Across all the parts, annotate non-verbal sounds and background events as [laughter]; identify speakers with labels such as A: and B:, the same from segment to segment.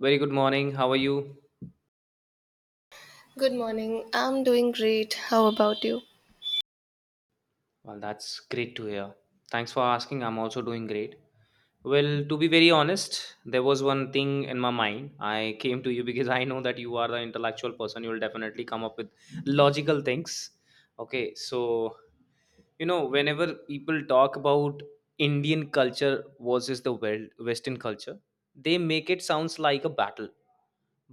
A: Very good morning. How are you?
B: Good morning. I'm doing great. How about you?
A: Well, that's great to hear. Thanks for asking. I'm also doing great. Well, to be very honest, there was one thing in my mind. I came to you [laughs] because I know that you are the intellectual person. You will definitely come up with logical things. Okay, so whenever people talk about Indian culture versus the Western culture, they make it sounds like a battle,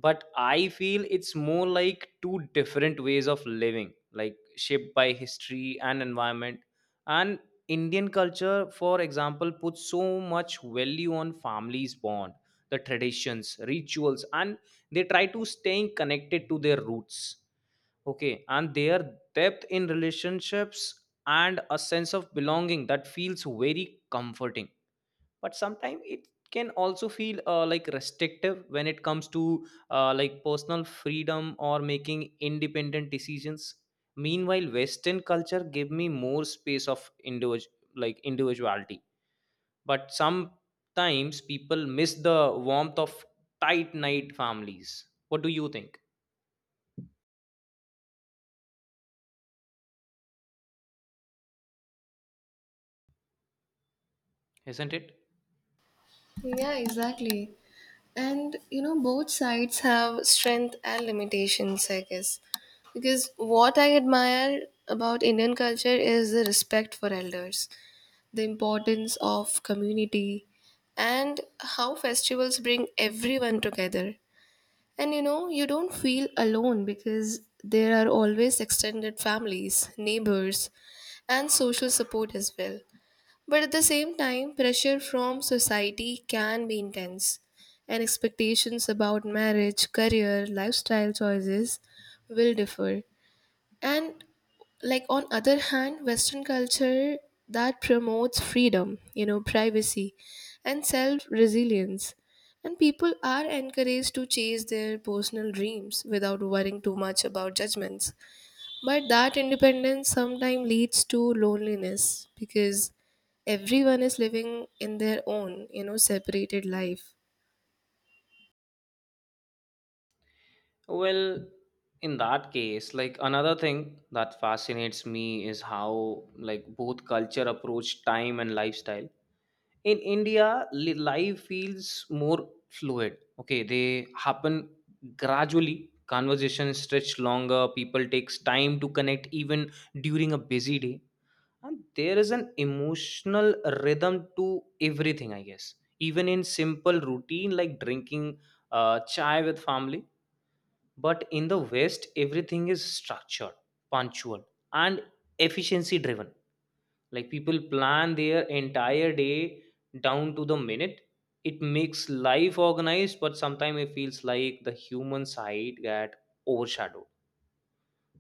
A: but I feel it's more like two different ways of living, like shaped by history and environment. And Indian culture, for example, puts so much value on families bond, the traditions, rituals, and they try to staying connected to their roots. Okay, and their depth in relationships and a sense of belonging that feels very comforting, but sometimes it can also feel like restrictive when it comes to like personal freedom or making independent decisions. Meanwhile Western culture give me more space of like individuality, but sometimes people miss the warmth of tight knit families. What do you think? Isn't it?
B: Yeah, exactly. And both sides have strength and limitations, I guess. Because what I admire about Indian culture is the respect for elders, the importance of community, and how festivals bring everyone together. And you don't feel alone because there are always extended families, neighbors, and social support as well. But at the same time, pressure from society can be intense, and expectations about marriage, career, lifestyle choices will differ. And like on other hand, Western culture that promotes freedom, privacy and self-resilience. And people are encouraged to chase their personal dreams without worrying too much about judgments. But that independence sometimes leads to loneliness because everyone is living in their own separated life.
A: Well, in that case, like another thing that fascinates me is how like both culture approach time and lifestyle. In India, life feels more fluid. Okay, they happen gradually. Conversations stretch longer, people takes time to connect even during a busy day, and there is an emotional rhythm to everything, I guess. Even in simple routine like drinking chai with family. But in the West everything is structured, punctual, and efficiency driven, like people plan their entire day down to the minute. It makes life organized, but sometimes it feels like the human side got overshadowed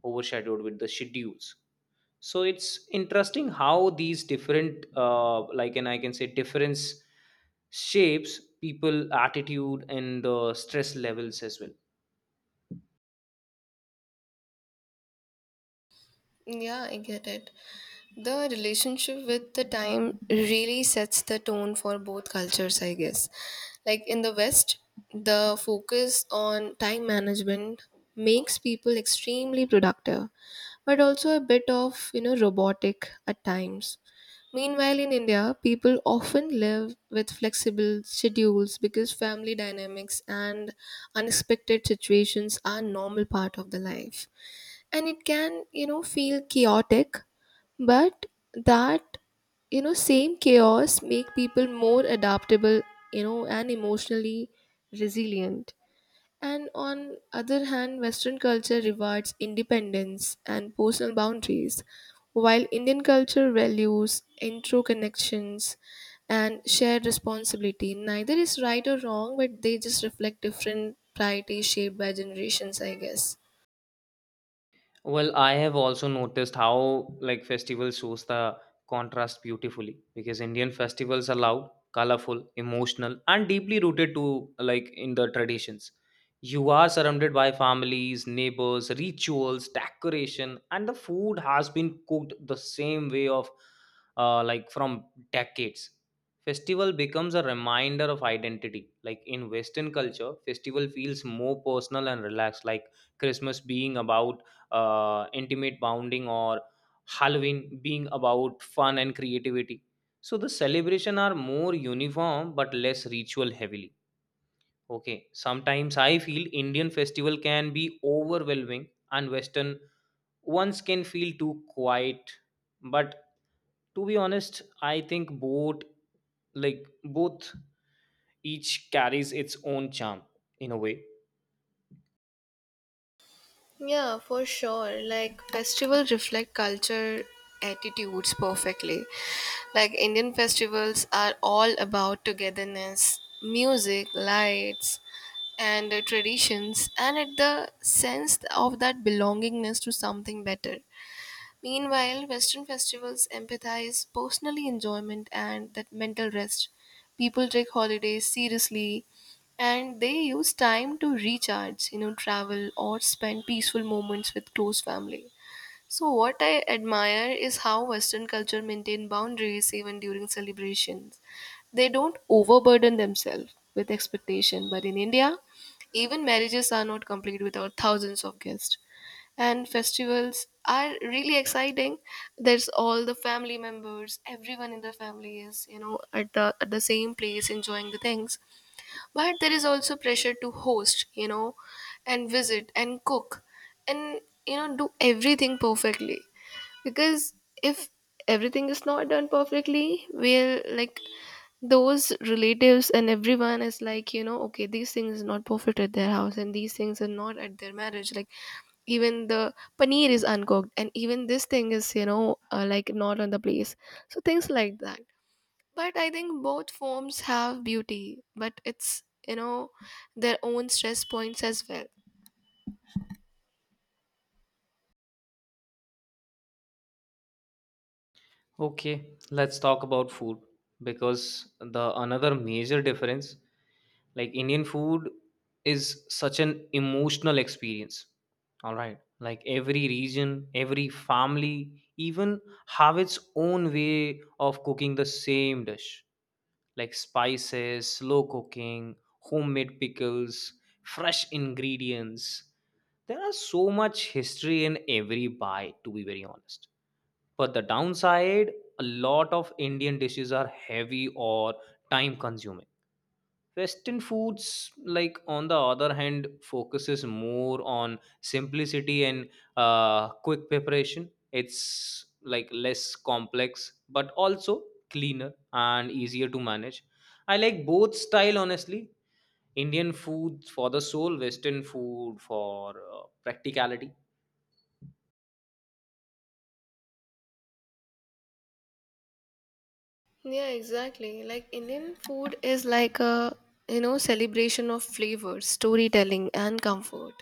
A: overshadowed with the schedules. So it's interesting how these different like, and I can say difference, shapes people attitude and the stress levels as well.
B: Yeah, I get it. The relationship with the time really sets the tone for both cultures, I guess. Like in the West, the focus on time management makes people extremely productive, but also a bit of, robotic at times. Meanwhile, in India, people often live with flexible schedules because family dynamics and unexpected situations are normal part of the life, and it can, feel chaotic. But that, same chaos make people more adaptable, and emotionally resilient. And on other hand, Western culture rewards independence and personal boundaries, while Indian culture values interconnections and shared responsibility. Neither is right or wrong, but they just reflect different priorities shaped by generations, I guess.
A: Well, I have also noticed how like festivals shows the contrast beautifully because Indian festivals are loud, colorful, emotional, and deeply rooted to like in the traditions. You are surrounded by families, neighbors, rituals, decoration, and the food has been cooked the same way of like from decades. Festival becomes a reminder of identity. Like in Western culture, festival feels more personal and relaxed, like Christmas being about intimate bonding or Halloween being about fun and creativity. So the celebration are more uniform but less ritual heavily. Okay, sometimes I feel Indian festival can be overwhelming and Western ones can feel too quiet. But to be honest, I think both each carries its own charm in a way.
B: Yeah, for sure. Like festivals reflect culture attitudes perfectly. Like Indian festivals are all about togetherness, music, lights, and traditions, and it the sense of that belongingness to something better. Meanwhile, Western festivals empathize personal enjoyment and that mental rest. People take holidays seriously, and they use time to recharge, travel or spend peaceful moments with close family. So what I admire is how Western culture maintain boundaries even during celebrations. They don't overburden themselves with expectation, but in India, even marriages are not complete without thousands of guests, and festivals are really exciting. There's all the family members, everyone in the family is, at the same place enjoying the things. But there is also pressure to host, and visit and cook, and do everything perfectly. Because if everything is not done perfectly, we'll like those relatives, and everyone is like, okay these things is not perfect at their house and these things are not at their marriage. Like, even the paneer is uncooked, and even this thing is, like not on the place. So things like that. But I think both forms have beauty, but it's, their own stress points as well.
A: Okay, let's talk about food because the another major difference, like Indian food is such an emotional experience. All right, like every region, every family even have its own way of cooking the same dish, like spices, slow cooking, homemade pickles, fresh ingredients. There are so much history in every bite, to be very honest. But the downside, a lot of Indian dishes are heavy or time consuming. Western foods, like on the other hand, focuses more on simplicity and quick preparation. It's like less complex, but also cleaner and easier to manage. I like both style honestly. Indian food for the soul, Western food for practicality.
B: Yeah, exactly. Like Indian food is like a celebration of flavors, storytelling, and comfort.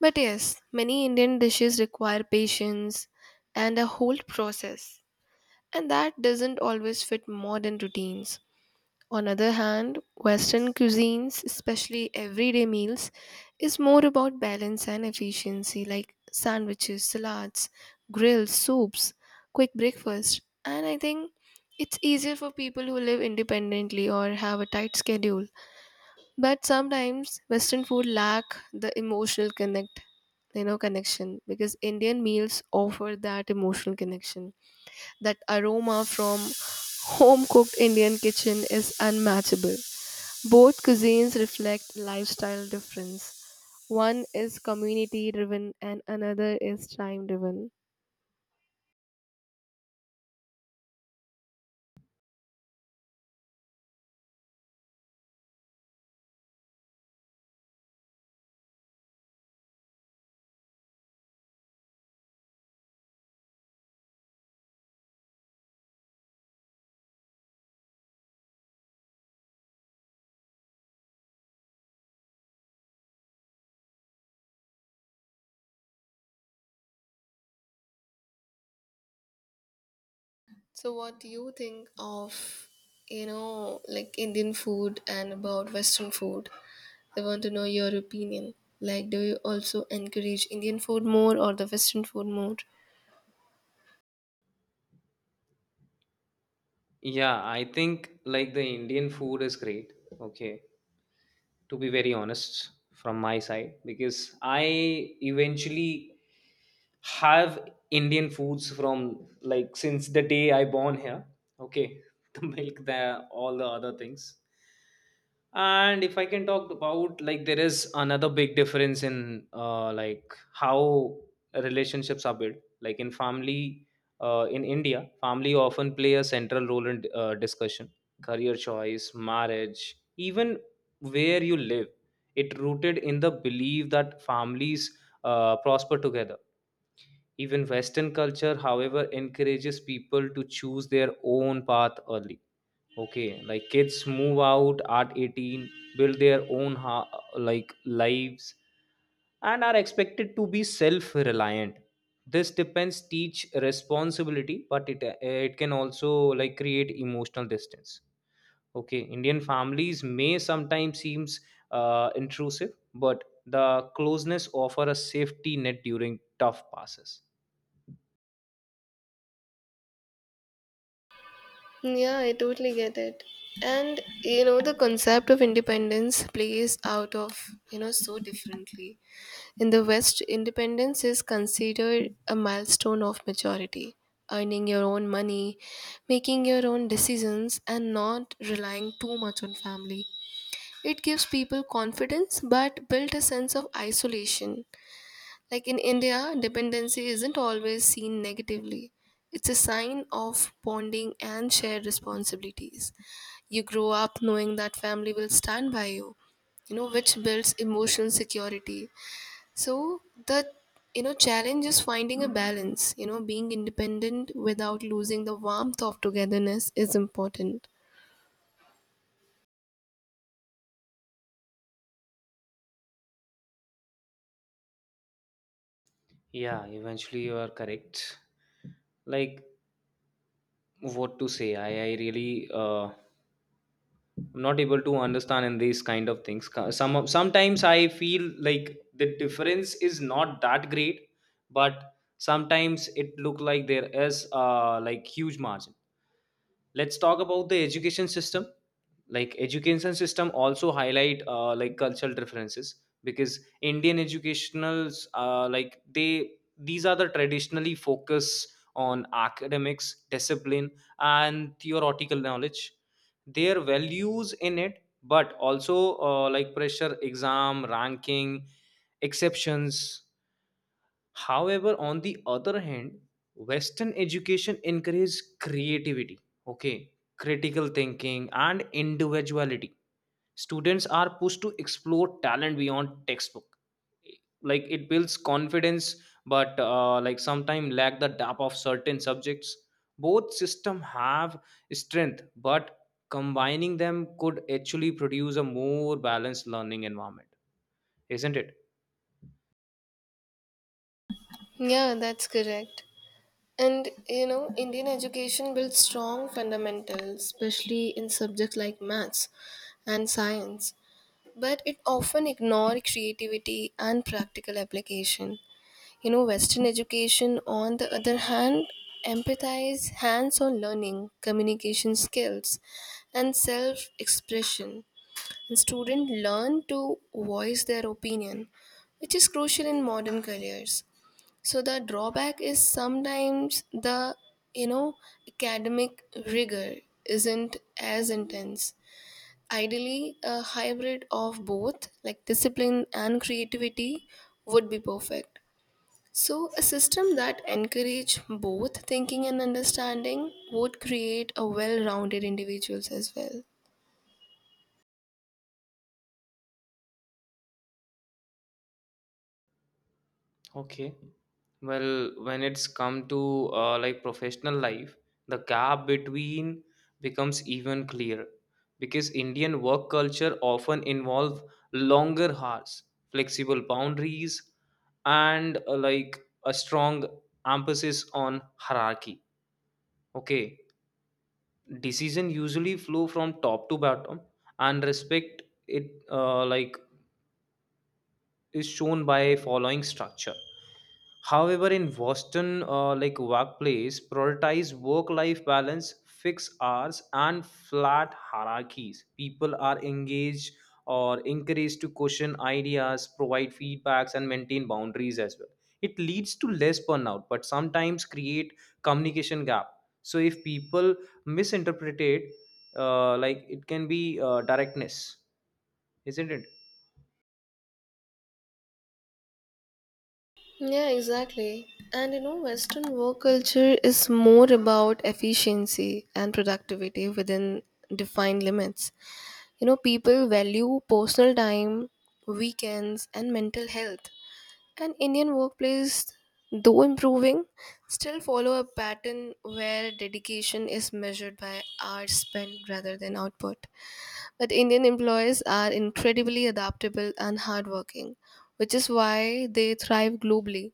B: But yes, many Indian dishes require patience and a whole process, and that doesn't always fit modern routines. On other hand, Western cuisines, especially everyday meals, is more about balance and efficiency like sandwiches, salads, grills, soups, quick breakfast. And I think it's easier for people who live independently or have a tight schedule. But sometimes Western food lack the emotional connection, because Indian meals offer that emotional connection. That aroma from home cooked Indian kitchen is unmatchable. Both cuisines reflect lifestyle difference. One is community driven and another is time driven. So, what do you think of, like Indian food and about Western food? I want to know your opinion. Like, do you also encourage Indian food more or the Western food more?
A: Yeah, I think like the Indian food is great. Okay, to be very honest, from my side because I eventually have Indian foods from like since the day I born here. Okay, [laughs] the milk, the all the other things. And if I can talk about, like there is another big difference in like how relationships are built, like in family. In India, family often play a central role in discussion, career choice, marriage, even where you live. It rooted in the belief that families prosper together. Even Western culture, however, encourages people to choose their own path early. Okay, like kids move out at 18, build their own like lives, and are expected to be self reliant. This depends teach responsibility, but it can also like create emotional distance. Okay, Indian families may sometimes seems intrusive, but the closeness offer a safety net during tough passes.
B: Yeah, I totally get it. And, the concept of independence plays out of, so differently. In the West, independence is considered a milestone of maturity, earning your own money, making your own decisions, and not relying too much on family. It gives people confidence but built a sense of isolation. Like in India, dependency isn't always seen negatively. It's a sign of bonding and shared responsibilities. You grow up knowing that family will stand by you, which builds emotional security. So the challenge is finding a balance. Being independent without losing the warmth of togetherness is important.
A: Yeah, eventually you are correct. Like what to say? I'm not able to understand in these kind of things. Sometimes I feel like the difference is not that great, but sometimes it look like there is like huge margin. Let's talk about the education system, like education system also highlight like cultural differences because Indian educationals like they, these are the traditionally focus on academics discipline and theoretical knowledge. Their values in it but also like pressure exam ranking exceptions. However, on the other hand, Western education encourages creativity. Okay, critical thinking and individuality. Students are pushed to explore talent beyond textbook, like it builds confidence, but like sometimes lack the depth of certain subjects. Both system have strength, but combining them could actually produce a more balanced learning environment, isn't it?
B: Yeah, that's correct. And Indian education builds strong fundamentals, especially in subjects like maths and science, but it often ignore creativity and practical application. Western education, on the other hand, empathize hands on learning, communication skills, and self expression. And students learn to voice their opinion, which is crucial in modern careers. So, the drawback is sometimes the, you know, academic rigor isn't as intense. Ideally, a hybrid of both, like discipline and creativity, would be perfect, so a system that encourage both thinking and understanding would create a well-rounded individuals as well.
A: Okay. Well, when it's come to like professional life, the gap between becomes even clearer because Indian work culture often involve longer hours, flexible boundaries, and like a strong emphasis on hierarchy. Okay, decision usually flow from top to bottom, and respect it like is shown by following structure. However, in Boston, like workplace prioritize work life balance, fixed hours and flat hierarchies. People are engaged or encouraged to question ideas, provide feedbacks, and maintain boundaries as well. It leads to less burnout, but sometimes create communication gap. So if people misinterpret it, like it can be directness, isn't it?
B: Yeah, exactly. And Western work culture is more about efficiency and productivity within defined limits. People value personal time, weekends, and mental health. And Indian workplace, though improving, still follow a pattern where dedication is measured by hours spent rather than output. But Indian employees are incredibly adaptable and hardworking, which is why they thrive globally.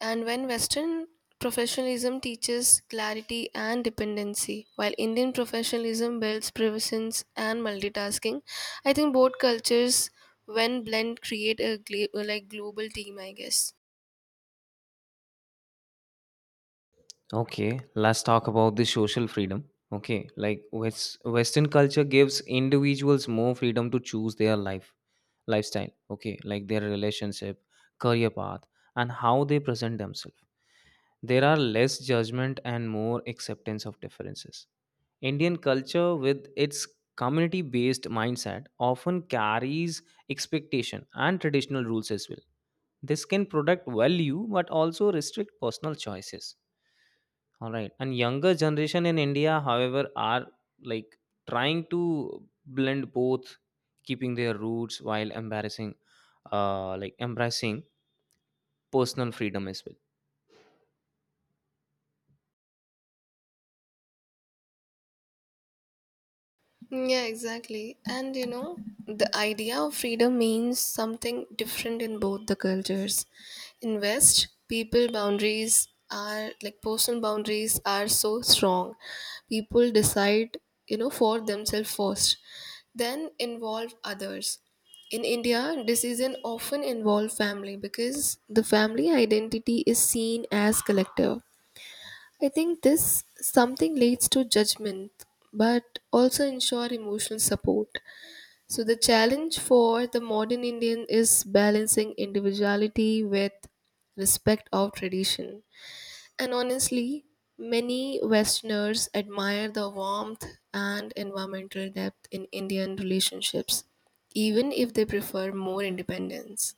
B: And when Western professionalism teaches clarity and dependency, while Indian professionalism builds presence and multitasking, I think both cultures, when blend, create a like global team, I guess.
A: Okay, let's talk about the social freedom. Okay, like Western culture gives individuals more freedom to choose their lifestyle. Okay, like their relationship, career path, and how they present themselves. There are less judgment and more acceptance of differences. Indian culture, with its community-based mindset, often carries expectation and traditional rules as well. This can protect value but also restrict personal choices. All right. And younger generation in India, however, are like trying to blend both, keeping their roots while like embracing personal freedom as well.
B: Yeah, exactly. And the idea of freedom means something different in both the cultures. In West, people boundaries are like personal boundaries are so strong. People decide, for themselves first, then involve others. In India, decision often involve family because the family identity is seen as collective. I think this something leads to judgment, but also ensure emotional support. So the challenge for the modern Indian is balancing individuality with respect of tradition. And honestly, many Westerners admire the warmth and environmental depth in Indian relationships, even if they prefer more independence.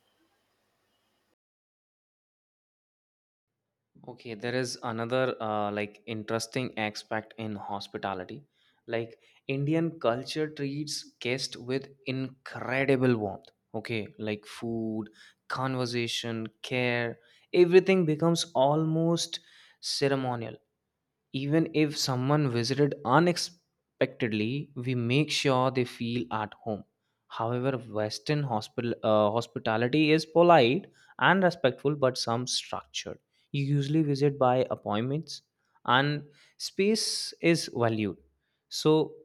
A: Okay, there is another like interesting aspect in hospitality. Like Indian culture treats guests with incredible warmth. Okay, like food, conversation, care, everything becomes almost ceremonial. Even if someone visited unexpectedly, we make sure they feel at home. However, Western hospitality is polite and respectful, but some structured. You usually visit by appointments, and space is valued. So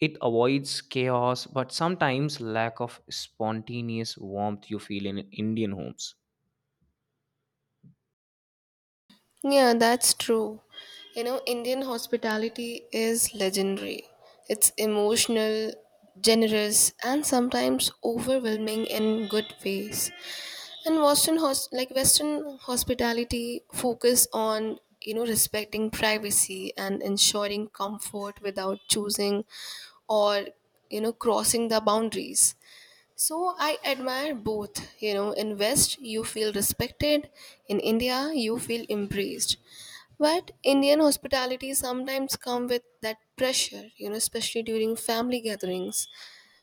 A: it avoids chaos, but sometimes lack of spontaneous warmth you feel in Indian homes.
B: Yeah, that's true. Indian hospitality is legendary. It's emotional, generous, and sometimes overwhelming in good ways. And Western Western hospitality focus on respecting privacy and ensuring comfort without choosing, or crossing the boundaries. So I admire both. In West you feel respected, in India you feel embraced. But Indian hospitality sometimes come with that pressure, especially during family gatherings.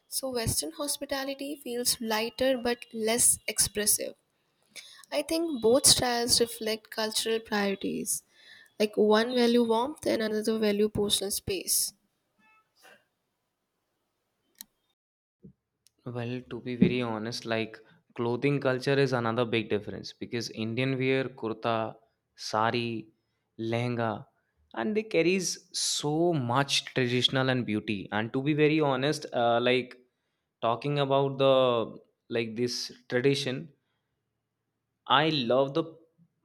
B: So Western hospitality feels lighter but less expressive. I think both styles reflect cultural priorities. Like one value warmth and another value personal space.
A: Well, to be very honest, like clothing culture is another big difference because Indian wear kurta, sari, lehenga, and they carries so much traditional and beauty. And to be very honest, like talking about the like this tradition, I love the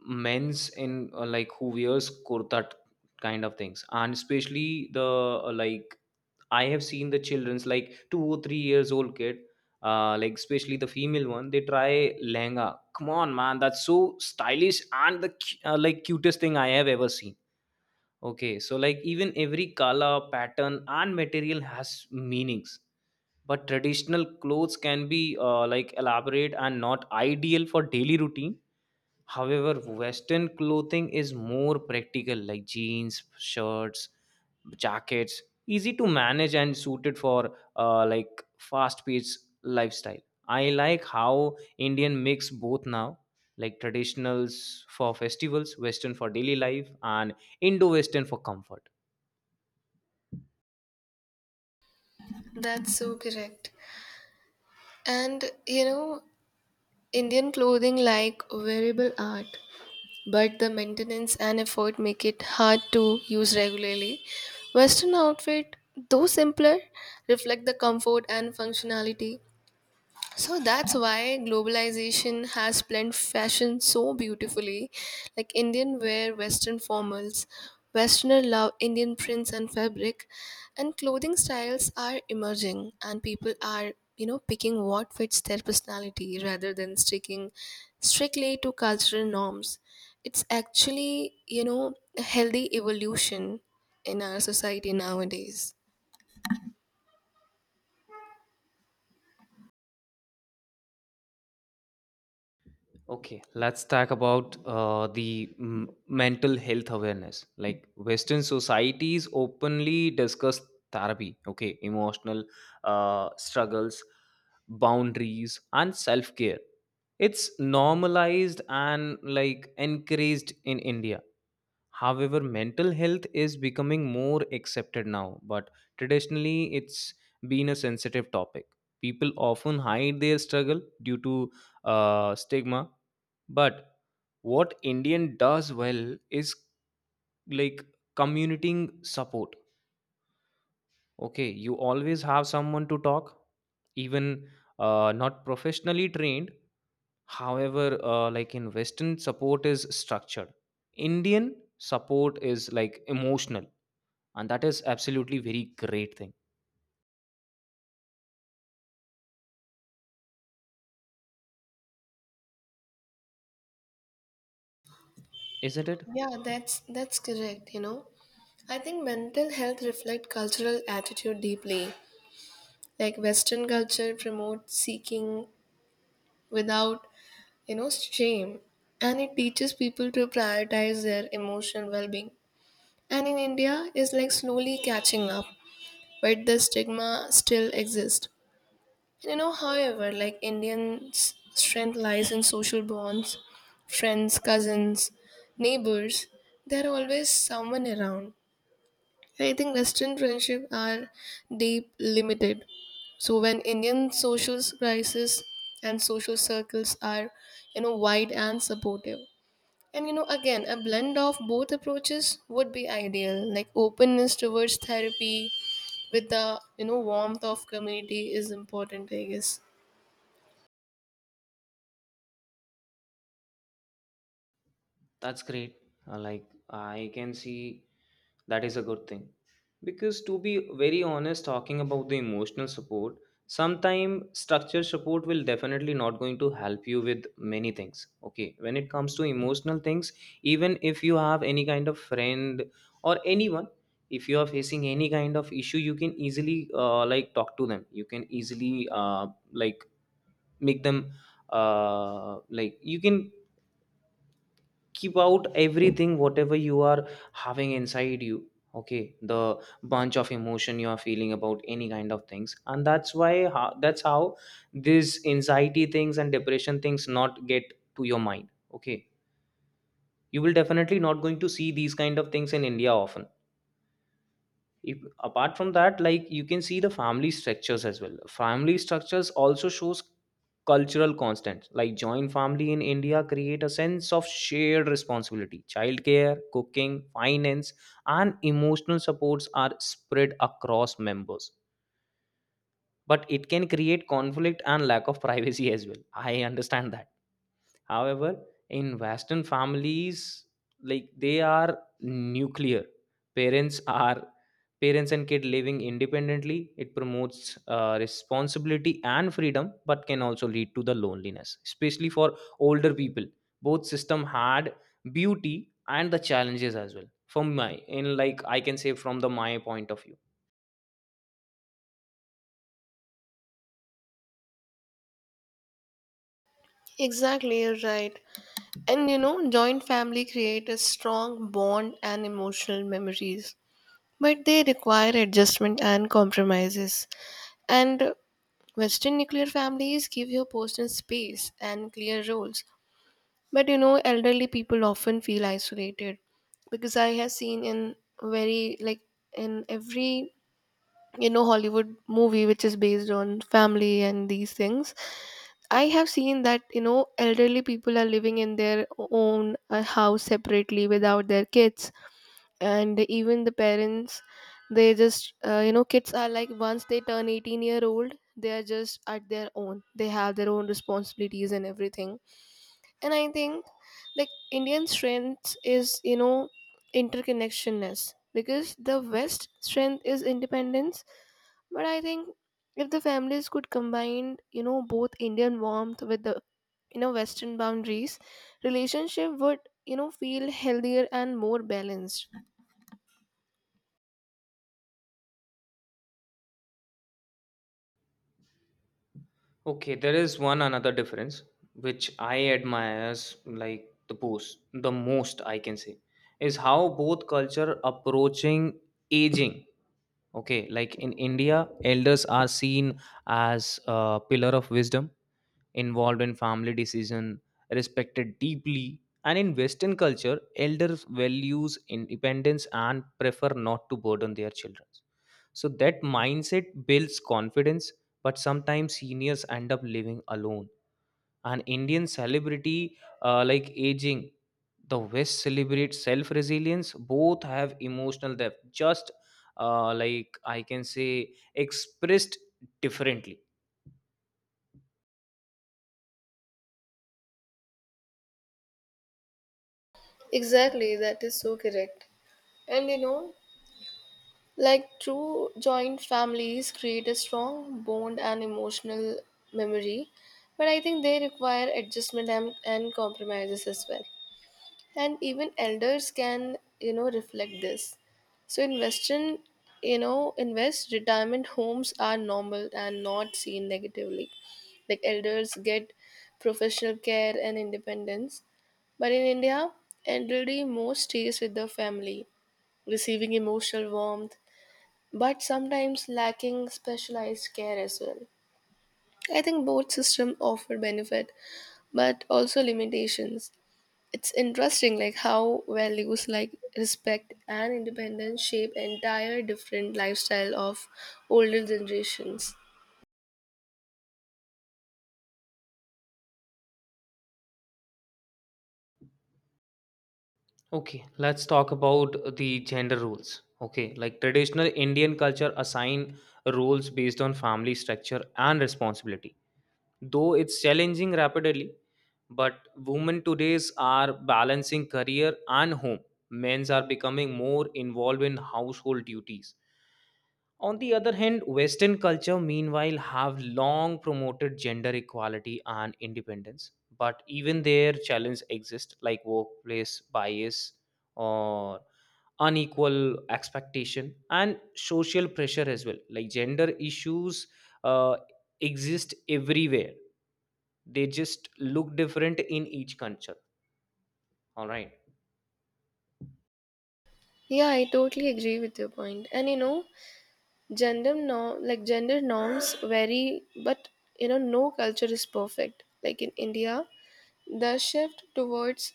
A: men's in like who wears kurta kind of things, and especially the like I have seen the children's like 2 or 3 years old kid, like especially the female one. They try lehenga. Come on, man, that's so stylish and the like cutest thing I have ever seen. Okay, so like even every color, pattern, and material has meanings, but traditional clothes can be like elaborate and not ideal for daily routine. However, Western clothing is more practical, like jeans, shirts, jackets easy to manage and suited for like fast paced lifestyle. I like how Indian mix both now, like traditionals for festivals, Western for daily life, and indo-western for comfort.
B: That's so correct. And Indian clothing like wearable art, but the maintenance and effort make it hard to use regularly. Western outfit, though simpler, reflect the comfort and functionality, so that's why globalization has blended fashion so beautifully. Like Indian wear Western formals, Westerner love Indian prints and fabric, and clothing styles are emerging, and people are picking what fits their personality rather than sticking strictly to cultural norms. It's actually a healthy evolution in our society nowadays.
A: Okay, let's talk about mental health awareness, like Western societies openly discuss therapy. Okay, emotional struggles, boundaries, and self-care. It's normalized and like encouraged in India. However, mental health is becoming more accepted now, but traditionally it's been a sensitive topic. People often hide their struggle due to stigma, but what Indian does well is like commuting support. Okay, you always have someone to talk, even not professionally trained. However, like in Western, support is structured. Indian support is like emotional, and that is absolutely very great thing, isn't it?
B: Yeah, that's correct, you know. I think mental health reflect cultural attitude deeply. Like Western culture promotes seeking without, shame. And it teaches people to prioritize their emotional well being. And in India is like slowly catching up, but the stigma still exists. However, like Indians strength lies in social bonds, friends, cousins, neighbors, there are always someone around. I think Western friendship are deep limited. So when Indian social crisis and social circles are, wide and supportive. And again, a blend of both approaches would be ideal. Like openness towards therapy with the warmth of community is important, I guess.
A: That's great. Like I can see that is a good thing. Because to be very honest, talking about the emotional support, sometime structure support will definitely not going to help you with many things. Okay. When it comes to emotional things, even if you have any kind of friend or anyone, if you are facing any kind of issue, you can easily like talk to them. You can easily like make them like you can keep out everything whatever you are having inside you. Okay, the bunch of emotion you are feeling about any kind of things, and that's why that's how this anxiety things and depression things not get to your mind. Okay, you will definitely not going to see these kind of things in India often. If, apart from that, like you can see the family structures as well. Family structures also shows cultural constants, like joint family in India create a sense of shared responsibility, childcare, cooking, finance, and emotional supports are spread across members, but it can create conflict and lack of [laughs] privacy as well. I understand that. However, in Western families, like they are nuclear, parents are parents and kid living independently. It promotes responsibility and freedom, but can also lead to the loneliness, especially for older people. Both system had beauty and the challenges as well, from my in like I can say from the my point of view.
B: Exactly, you're right. And joint family create a strong bond and emotional memories. But they require adjustment and compromises. And Western nuclear families give your personal space and clear roles. But elderly people often feel isolated because I have seen in very, like, in every, Hollywood movie which is based on family and these things. I have seen that, elderly people are living in their own house separately without their kids, and even the parents they just kids are like once they turn 18-year old, they are just at their own, they have their own responsibilities and everything. And I think like Indian strength is, interconnectionness, because the West strength is independence. But I think if the families could combine, both Indian warmth with the, Western boundaries, relationship would, feel healthier and more balanced.
A: Okay, there is one another difference which I admires, like the most I can say, is how both culture approaching aging. Okay, like in India, elders are seen as a pillar of wisdom, involved in family decision, respected deeply. And in Western culture, elders values independence and prefer not to burden their children, so that mindset builds confidence, but sometimes seniors end up living alone. And Indian celebrity, like aging, the West celebrates self resilience. Both have emotional depth, just like I can say, expressed differently.
B: Exactly, that is so correct. And like true joint families create a strong bond and emotional memory, but I think they require adjustment, and compromises as well. And even elders can, reflect this. So in west retirement homes are normal and not seen negatively, like elders get professional care and independence. But in India, elderly most stays with their family, receiving emotional warmth, but sometimes lacking specialized care as well. I think both systems offer benefit, but also limitations. It's interesting like how values like respect and independence shape entire different lifestyle of older generations.
A: Okay, let's talk about the gender roles. Okay, like traditional Indian culture assign roles based on family structure and responsibility. Though it's challenging rapidly, but women today's are balancing career and home. Men's are becoming more involved in household duties. On the other hand, Western culture meanwhile have long promoted gender equality and independence, but even their challenge exists, like workplace bias or unequal expectation and social pressure as well, like gender issues uh, exist everywhere. They just look different in each culture, all right.
B: Yeah, I totally agree with your point. And gender norm like gender norms vary, but no culture is perfect. Like in India, the shift towards,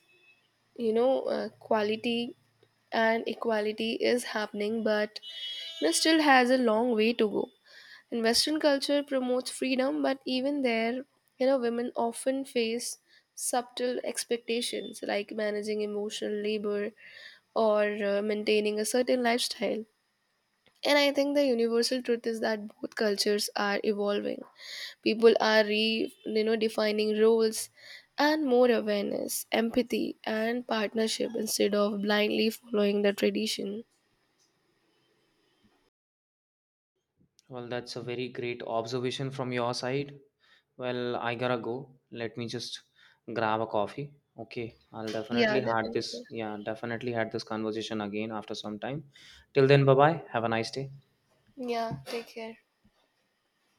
B: quality and equality is happening, but still has a long way to go. And Western culture promotes freedom, but even there, women often face subtle expectations like managing emotional labor or maintaining a certain lifestyle. And I think the universal truth is that both cultures are evolving. People are defining roles, and more awareness, empathy, and partnership instead of blindly following the tradition.
A: Well, that's a very great observation from your side. Well, I gotta go. Let me just grab a coffee. Okay, I'll
B: Yeah,
A: definitely
B: definitely.
A: had this conversation again after some time. Till then, bye bye. Have a nice day.
B: Yeah, take care.